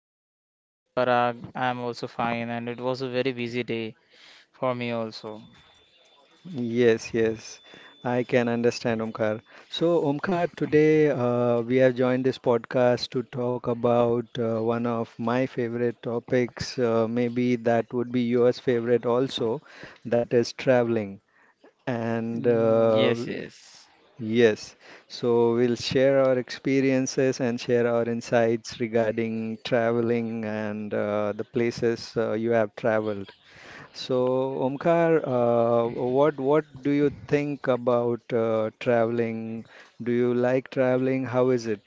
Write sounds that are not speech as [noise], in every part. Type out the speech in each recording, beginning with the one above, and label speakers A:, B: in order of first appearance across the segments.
A: and hi Parag. I'm also fine, and it was a very busy day for me also.
B: Yes, yes, I can understand, Omkar. So, Omkar, today we have joined this podcast to talk about one of my favorite topics, maybe that would be yours favorite also, that is traveling. And
A: Yes, yes.
B: Yes, so we'll share our experiences and share our insights regarding traveling and the places you have traveled. So, Omkar, what do you think about traveling? Do you like traveling? How is it?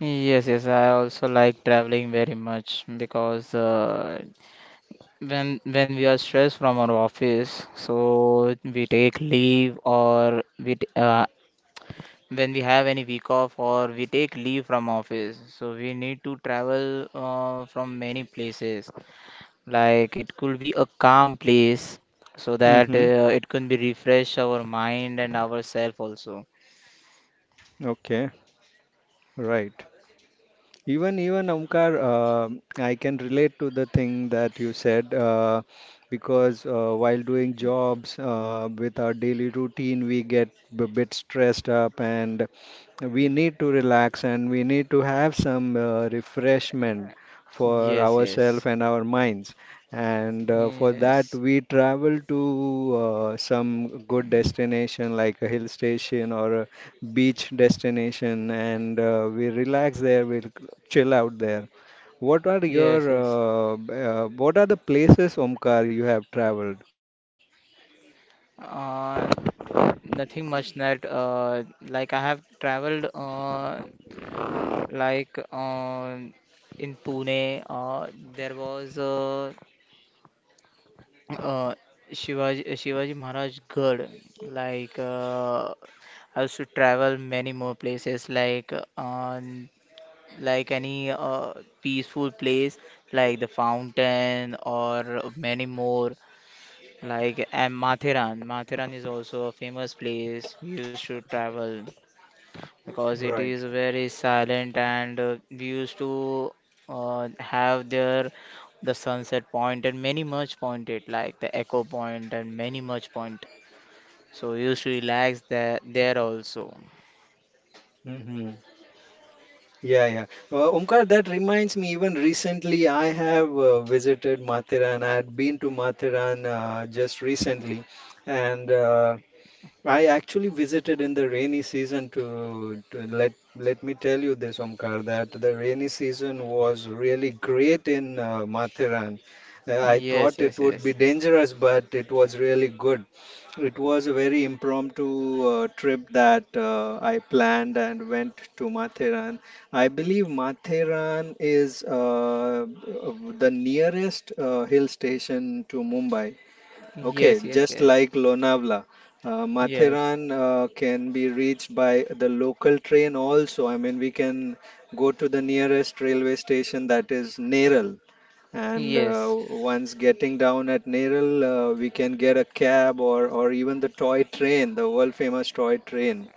A: Yes, yes, I also like traveling very much because when we are stressed from our office, so we take leave, or when we have any week off or we take leave from office, so we need to travel from many places. Like, it could be a calm place so that
B: Mm-hmm.
A: it can be refresh our mind and ourself also.
B: Okay, right. Even Omkar, I can relate to the thing that you said, because while doing jobs, with our daily routine, we get a bit stressed up and we need to relax and we need to have some refreshment for
A: Yes,
B: ourselves
A: yes,
B: and our minds. And for that,
A: yes,
B: we travel to some good destination like a hill station or a beach destination, and we relax there, we'll chill out there. What are your
A: yes, yes.
B: what are the places, Omkar, you have traveled?
A: Uh, Nothing much that, like I have traveled like uh, in Pune. There was uh, Shivaji Maharaj Garh. Like I used to travel many more places, like on like any peaceful place, like the fountain or many more. Like, and Matheran, Matheran is also a famous place. We used to travel because it
B: Right.
A: is very silent, and we used to have there the sunset point and many much pointed like the echo point and many much point, so we used to relax there also.
B: Mm-hmm. Yeah, yeah. Omkar, that reminds me, even recently I have visited Mathiran. I had been to Mathiran just recently, and I actually visited in the rainy season. To, to let let me tell you this, Omkar, that the rainy season was really great in Mathiran. I
A: Yes,
B: thought it
A: yes,
B: would be
A: yes,
B: dangerous, but it was really good. It was a very impromptu trip that I planned and went to Mathiran. I believe Mathiran is uh, the nearest hill station to Mumbai. Okay,
A: yes,
B: just
A: yes,
B: like Lonavala,
A: yes,
B: Matheran can be reached by the local train also. I mean, we can go to the nearest railway station that is Neral. And
A: yes,
B: once getting down at Neral, we can get a cab or even the toy train, the world famous toy train.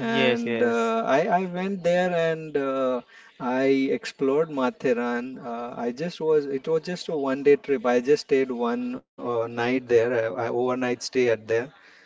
A: yes, yes,
B: I went there and I explored Matheran. It was just a one day trip. I just stayed one night there, I overnight stay at there.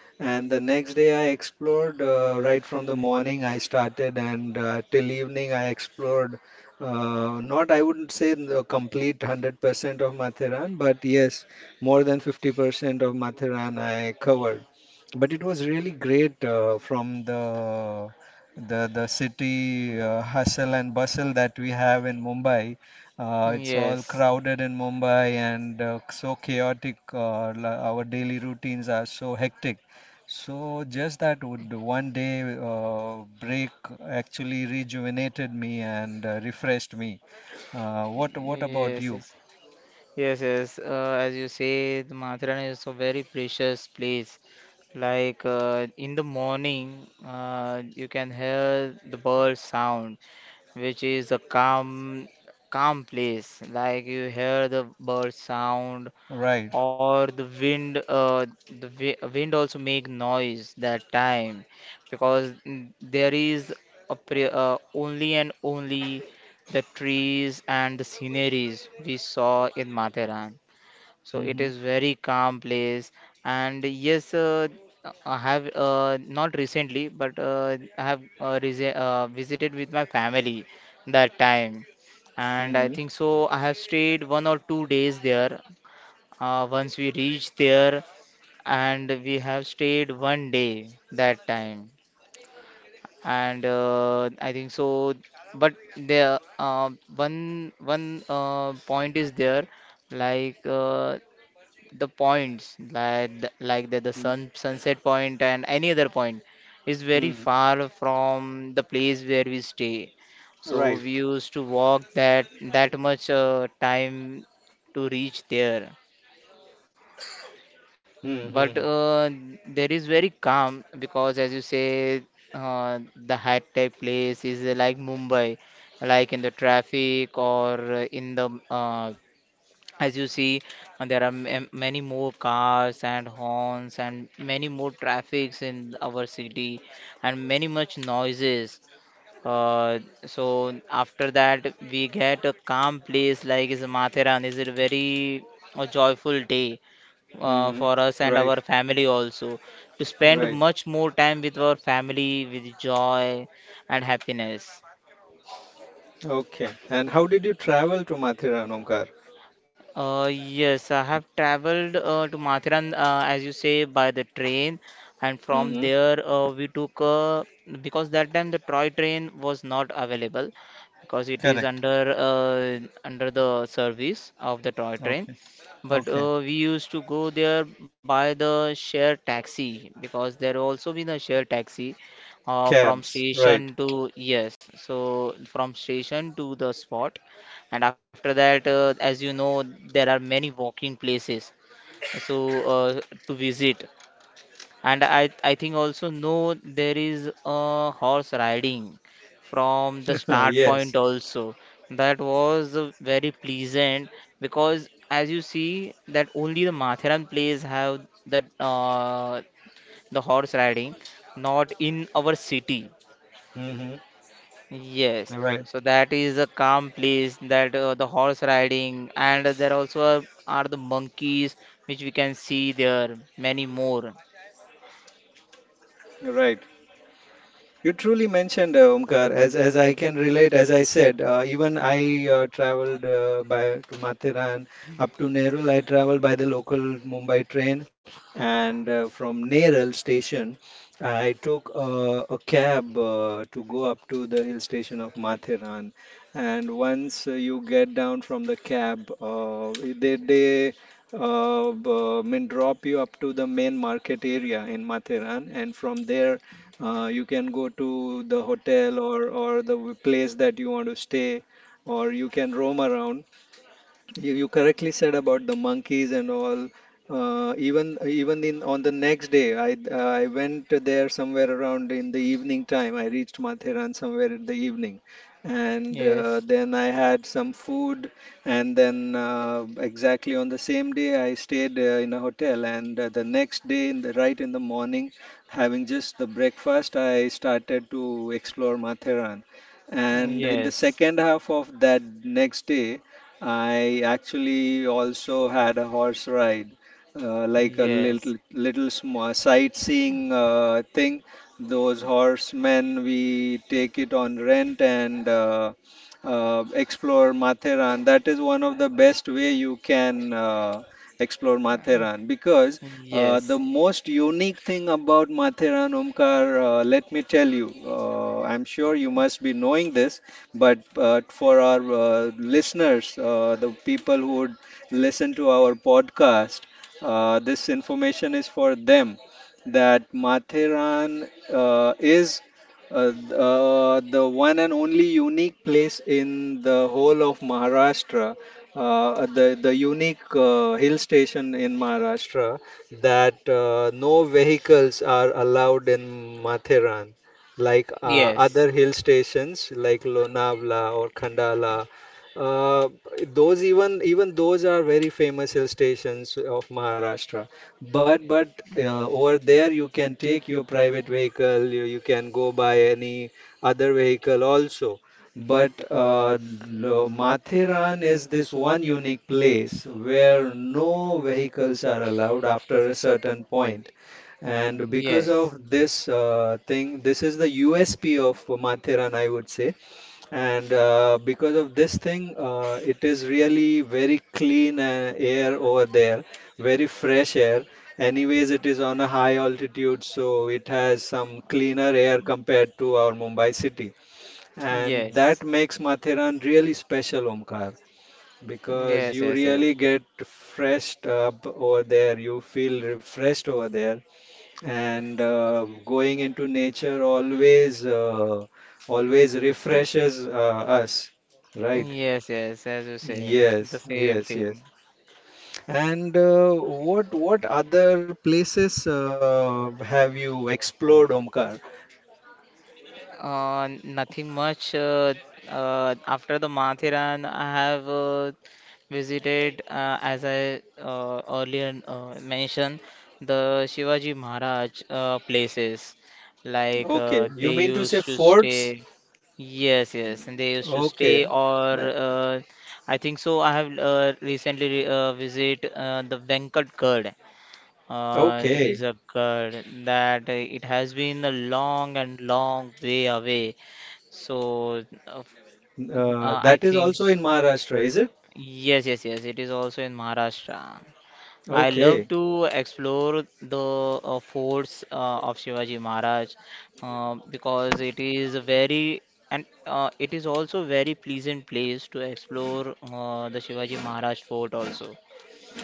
B: And the next day I explored right from the morning I started and till evening I explored, not I wouldn't say the complete 100% of Matheran, but yes, more than 50% of Matheran I covered. But it was really great from the city hustle and bustle that we have in Mumbai. It's all
A: yes,
B: crowded in Mumbai and so chaotic. Our daily routines are so hectic. So just that would one day break actually rejuvenated me and refreshed me.
A: yes,
B: What about
A: yes,
B: you?
A: yes. Yes, yes. As you say, the Mathura is a very precious place. Like in the morning, you can hear the bird sound, which is a calm, calm place. Like, you hear the bird sound,
B: Right.
A: or the wind. The wi wind also make noise that time, because there is a pre only and only the trees and the sceneries we saw in Matheran. So it
B: Mm-hmm.
A: is very calm place. And yes, I have not recently, but I have visited with my family that time. And I
B: Mm-hmm.
A: think so, I have stayed 1 or 2 days there. Once we reached there, and we have stayed 1 day that time. And I think so. But there, one point is there, like the points like the
B: Mm-hmm.
A: sun sunset point and any other point is very
B: Mm-hmm.
A: far from the place where we stay, so
B: Right.
A: we used to walk that much time to reach there.
B: Mm-hmm.
A: But there is very calm, because as you say, uh, the high tech place is like Mumbai, like in the traffic or in the, as you see, there are many more cars and horns and many more traffics in our city and many much noises. Uh, so after that, we get a calm place like is Matheran. Is a very joyful day
B: Mm-hmm.
A: for us and
B: Right.
A: our family also, to spend
B: Right.
A: much more time with our family with joy and happiness.
B: Okay. And how did you travel to Mathura, Omkar?
A: Yes, I have traveled to Mathiran, as you say, by the train, and from
B: Mm-hmm.
A: there we took because that time the Troy train was not available, because it is
B: Correct.
A: under under the service of the Troy train.
B: Okay.
A: But
B: Okay.
A: we used to go there by the share taxi, because there also been a share taxi from
B: Cabs. Right.
A: station to, yes, so from station to the spot. And after that, as you know, there are many walking places, so uh, to visit. And I think also no, there is a horse riding from the
B: [laughs]
A: start
B: Yes.
A: point also. That was very pleasant, because as you see, that only the Matharan place have that, the horse riding, not in our city.
B: Mm-hmm.
A: Yes,
B: Right.
A: so that is a calm place, that the horse riding, and there also are the monkeys, which we can see there, many more.
B: Right. You truly mentioned Omkar, as I can relate. As I said, even I traveled by to Mathiran up to Nerul. I traveled by the local Mumbai train, and from Nerul station, I took a cab to go up to the hill station of Mathiran. And once you get down from the cab, mean drop you up to the main market area in Mathiran, and from there you can go to the hotel or the place that you want to stay, or you can roam around. You correctly said about the monkeys and all. Even even in on the next day, I went there somewhere around in the evening time. I reached Matheran somewhere in the evening, and
A: Yes,
B: then I had some food. And then exactly on the same day, I stayed in a hotel. And the next day, in the morning, having just the breakfast, I started to explore Matheran. And in the
A: yes,
B: second half of that next day. I actually also had a horse ride, like a little
A: yes,
B: little small sightseeing thing. Those horsemen, we take it on rent and explore Matheran. That is one of the best way you can explore Matheran because the
A: yes,
B: most unique thing about Matheran, Omkar, let me tell you, I'm sure you must be knowing this. But for our listeners, the people who would listen to our podcast, this information is for them that Matheran is the one and only unique place in the whole of Maharashtra, the unique hill station in Maharashtra that no vehicles are allowed in Matheran like
A: yes,
B: other hill stations like Lonavala or Khandala. Uh, those Even those are very famous hill stations of Maharashtra. But over there you can take your private vehicle. You can go by any other vehicle also. But Matheran is this one unique place where no vehicles are allowed after a certain point.
A: yes,
B: And because
A: yes,
B: of this thing, this is the USP of Mathiran, I would say. And because of this thing, it is really very clean air over there, very fresh air. Anyways, it is on a high altitude, so it has some cleaner air compared to our Mumbai city. And that
A: yes,
B: makes Mathiran really special, Omkar, because you really
A: yes,
B: get refreshed up over there, you feel refreshed over there and going into nature always refreshes us, right?
A: yes, yes, yes, as you say, the
B: Yes,
A: same
B: yes, yes.
A: thing.
B: And what other places have you explored, Omkar?
A: Nothing much. After the Mathiran, I have visited, as I earlier mentioned, the Shivaji Maharaj places. Like
B: Okay, you
A: they
B: mean to say
A: used to
B: forts?
A: stay. Yes, yes, and they used to
B: Okay,
A: stay, or
B: Ma-
A: I think so, I have recently visit the Venkat Gad. It is
B: okay.
A: a good that it has been a long and long way away. So,
B: Uh,
A: I
B: that is
A: think
B: also in Maharashtra, is it?
A: yes, yes, yes. It is also in Maharashtra. I love
B: Okay.
A: to explore the forts of Shivaji Maharaj, because it is a very, and it is also very pleasant place to explore the Shivaji Maharaj fort also.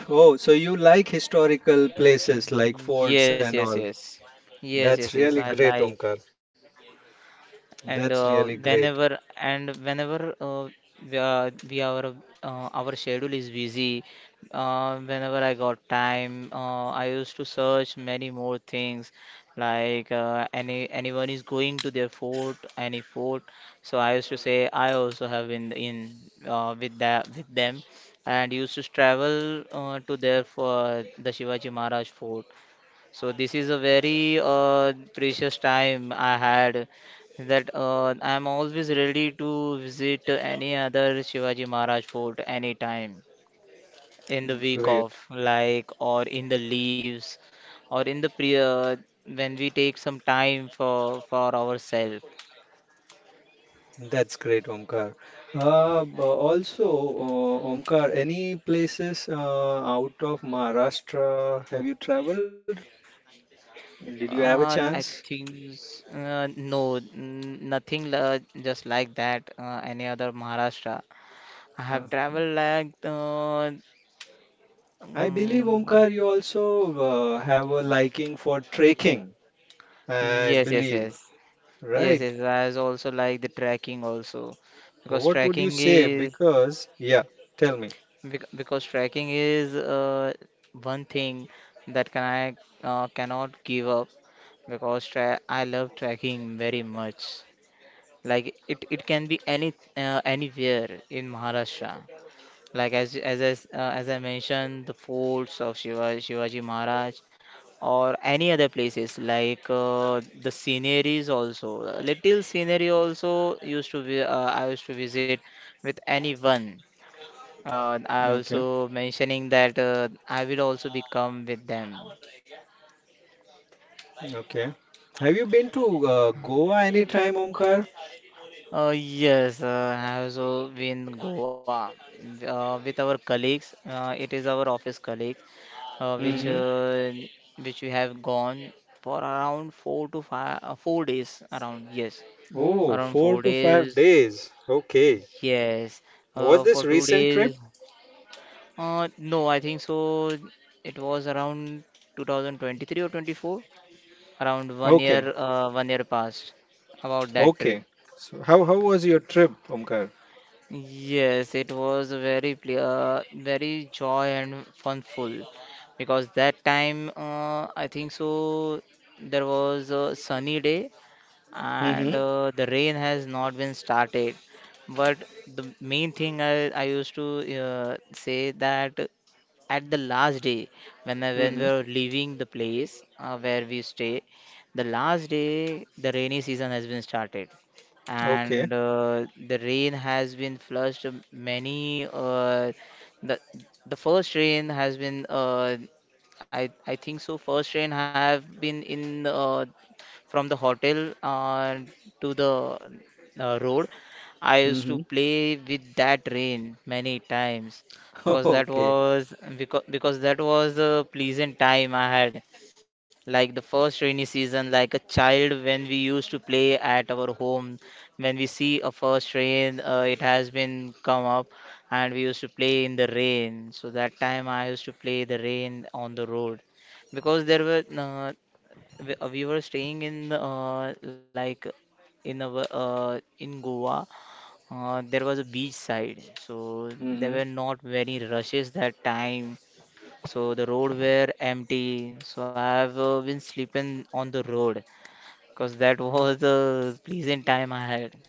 B: Oh, so you like historical places like forts
A: Yes,
B: and
A: yes,
B: all.
A: yes. Yes,
B: That's
A: yes,
B: really
A: yes, I
B: great,
A: like.
B: Omkar.
A: And
B: That's really great.
A: whenever we are our schedule is busy, whenever I got time, I used to search many more things, like anyone is going to their fort, any fort, so I used to say I also have been in, with that, with them, and used to travel to there for the Shivaji Maharaj fort. So this is a very precious time I had, that I'm always ready to visit any other Shivaji Maharaj fort anytime, in the week
B: Great.
A: off, like, or in the leaves, or in the pre when we take some time for ourselves.
B: That's great, Omkar. Also, Omkar, any places out of Maharashtra have you traveled? Did you have a
A: I
B: chance?
A: think no, nothing just like that. Any other Maharashtra, I
B: Uh,
A: have traveled like
B: I believe,
A: mm,
B: Omkar, you also have a liking for trekking, I
A: yes, yes,
B: believe,
A: yes. Yes,
B: right?
A: yes, I was also like the tracking also, because
B: What would you
A: tracking
B: say?
A: is,
B: Because, yeah, tell me.
A: because tracking is, one thing that can I cannot give up, because tra I love tracking very much. Like, it can be any anywhere in Maharashtra. Like as I mentioned, the forts of Shivaji Maharaj, or any other places like the sceneries also. Little scenery also used to be, I used to visit with anyone, I
B: Okay,
A: also mentioning that I will also become with them.
B: okay. Have you been to Goa any time, Omkar?
A: Uh, yes, I also been Goa, with our colleagues, it is our office colleagues, uh, which
B: Mm-hmm.
A: uh, which we have gone for around four to five, 4 days around, yes,
B: Oh,
A: around four
B: four to five
A: days
B: days. Okay.
A: Yes,
B: Was this
A: for two
B: recent trip?
A: days. No, I think so, it was around 2023 or 24, around one
B: Okay.
A: year, 1 year past about that trip.
B: Okay. So how was your trip, Omkar?
A: Yes, it was a very very joy and funful, because that time, I think so there was a sunny day, and
B: Mm-hmm.
A: the rain has not been started. But the main thing, I used to say that at the last day, when we
B: Mm-hmm.
A: were leaving the place where we stay, the last day the rainy season has been started,
B: Okay.
A: and the rain has been flushed, many the the first rain has been, I think so first rain have been in, from the hotel to the road. I used to
B: Mm-hmm.
A: play with that rain many times, because
B: [laughs]
A: that
B: Okay.
A: was, because that was a pleasant time I had, like the first rainy season, like a child, when we used to play at our home, when we see a first rain, it has been come up, and we used to play in the rain. So that time, I used to play the rain on the road, because there were, we were staying in, like in our in Goa. There was a beach side, so
B: Mm-hmm.
A: there were not many rushes that time. So the road were empty. So I have been sleeping on the road, because that [laughs] was the pleasant time I had.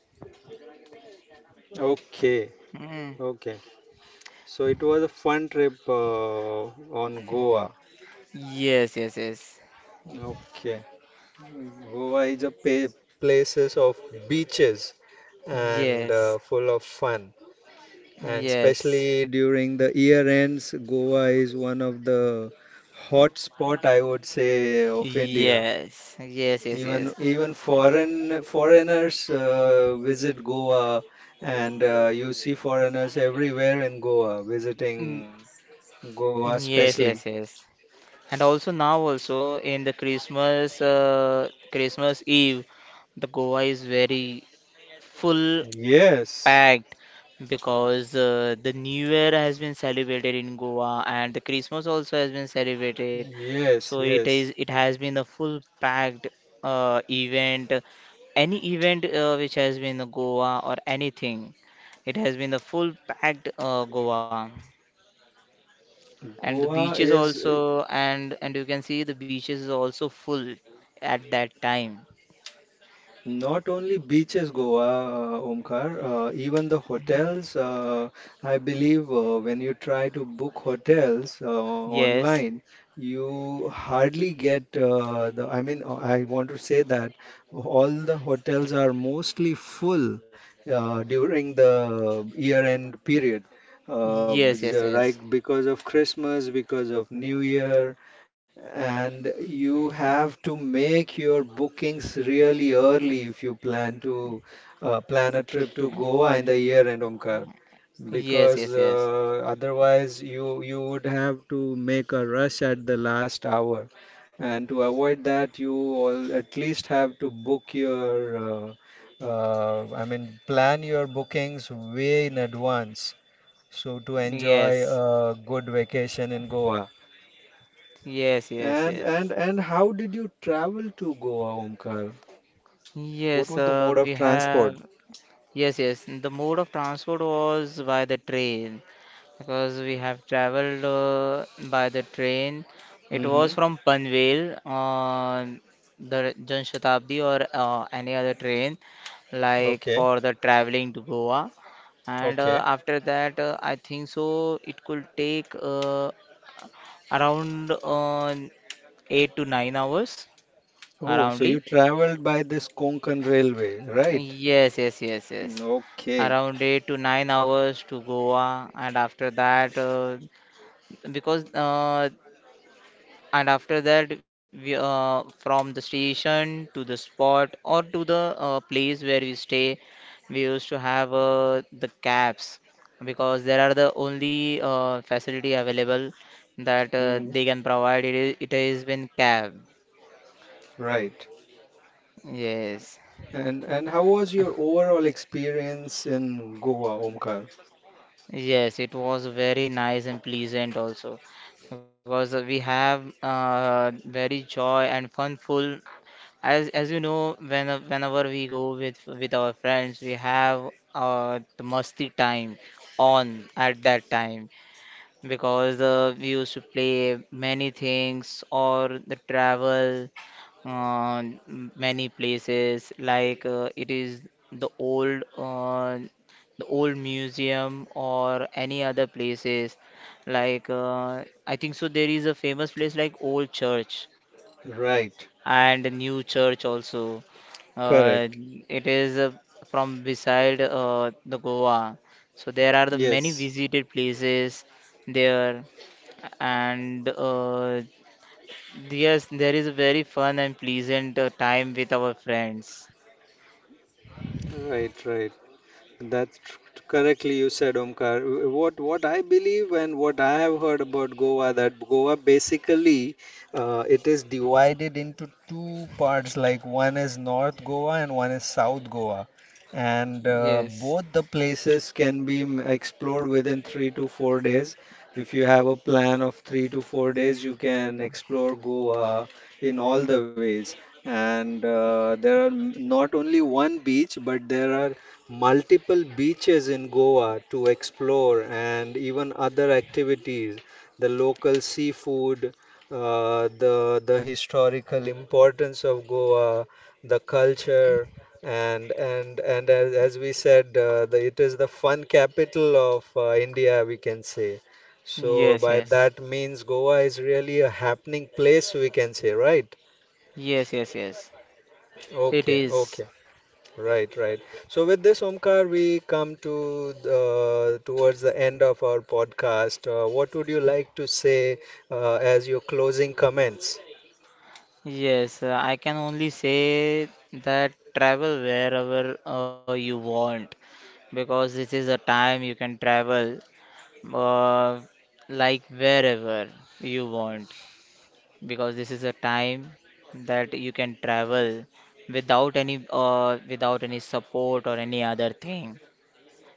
B: Okay.
A: Mm.
B: Okay. So it was a fun trip on Goa.
A: Yes, yes, yes.
B: Okay. Goa is a pa places of beaches and
A: Yes,
B: full of fun. And
A: yes,
B: especially during the year ends, Goa is one of the hot spot, I would say, of India.
A: yes, yes, yes,
B: Even
A: yes.
B: even foreigners visit Goa, and you see foreigners everywhere in Goa
A: Mm.
B: visiting Goa,
A: Yes, yes,
B: especially.
A: yes. And also now also in the Christmas, Christmas Eve, the Goa is very full
B: Yes,
A: packed, because the New Year has been celebrated in Goa, and the Christmas also has been celebrated.
B: yes,
A: So it
B: yes.
A: is, it has been a full packed event. Any event which has been in Goa or anything, it has been a full packed Goa. And the
B: Goa
A: beaches
B: is.
A: also, and you can see the beaches is also full at that time.
B: Not only beaches, Goa, Omkar, even the hotels. I believe when you try to book hotels
A: Yes,
B: online, you hardly get the. I mean, I want to say that all the hotels are mostly full during the year-end period. Uh,
A: yes, yes,
B: because-
A: yes,
B: right, because of Christmas, because of New Year, and you have to make your bookings really early if you plan to plan a trip to Goa in the year end, Omkar,
A: yes, yes,
B: because
A: yes,
B: otherwise you would have to make a rush at the last hour. And to avoid that, you all at least have to book your I mean plan your bookings way in advance so to enjoy
A: yes,
B: a good vacation in Goa.
A: yes, yes,
B: And
A: yes.
B: and and how did you travel to Goa, Omkar? What
A: Yes,
B: was the mode
A: we
B: of
A: have.
B: transport?
A: Yes, yes, the mode of transport was by the train, because we have traveled by the train. It
B: Mm-hmm.
A: was from Panvel on the Jan Shatabdi or any other train, like
B: Okay.
A: for the traveling to Goa. And
B: Okay.
A: after that, I think so it could take, around 8 to 9 hours,
B: Oh, so
A: aroundly.
B: you traveled by this Konkan railway, right?
A: Yes, yes, yes,
B: Mm,
A: yes.
B: okay.
A: Around 8 to 9 hours to Goa, and after that, because and after that, from the station to the spot, or to the place where we stay, we used to have the cabs, because there are the only facility available that
B: Mm-hmm.
A: they can provide. It is, it has been cab.
B: Right.
A: Yes,
B: And how was your overall experience in Goa, Omkar?
A: yes, it was very nice and pleasant also, because we have very joy and fun full. As you know, when whenever we go with our friends, we have the musty time on at that time, because we used to play many things or the travel uh, many places, like it is the old, the old museum, or any other places, like I think so there is a famous place like old church
B: Right.
A: and a new church also. Uh,
B: Correct.
A: it is from beside the Goa. So there are the many
B: Yes.
A: visited places there, and yes, there is a very fun and pleasant time with our friends.
B: Right, right. That's tr- correctly you said, Omkar. What I believe and what I have heard about Goa that Goa basically it is divided into two parts. Like one is North Goa and one is South Goa, and
A: Yes,
B: both the places can be explored within 3 to 4 days. If you have a plan of 3 to 4 days, you can explore Goa in all the ways. And there are not only one beach, but there are multiple beaches in Goa to explore and even other activities, the local seafood, the historical importance of Goa, the culture, and as we said, it is the fun capital of India, we can say. So
A: yes,
B: by
A: yes,
B: that means, Goa is really a happening place, we can say, right?
A: yes, yes, yes. It
B: Okay,
A: is.
B: okay. Right, right. So with this, Omkar, we come to towards the end of our podcast. What would you like to say as your closing comments?
A: Yes, I can only say that travel wherever you want, because this is a time you can travel uh, like wherever you want, because this is a time that you can travel without any without any support or any other thing,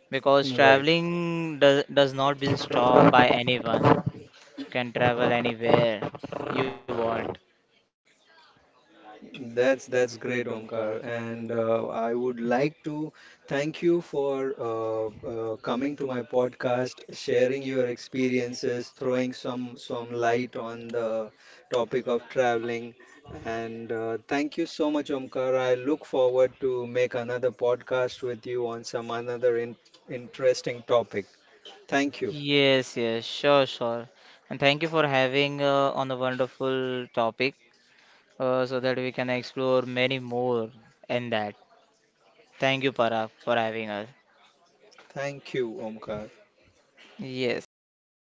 A: because
B: Right.
A: traveling does not been stopped by anyone. You can travel anywhere you want.
B: That's great, Omkar, and I would like to thank you for coming to my podcast, sharing your experiences, throwing some light on the topic of traveling, and thank you so much, Omkar. I look forward to make another podcast with you on some another in interesting topic. Thank you,
A: Yes, yes, sure, sure. And thank you for having on a wonderful topic, so that we can explore many more in that. Thank you, Parag, for having us.
B: thank you, Omkar.
A: Yes, thank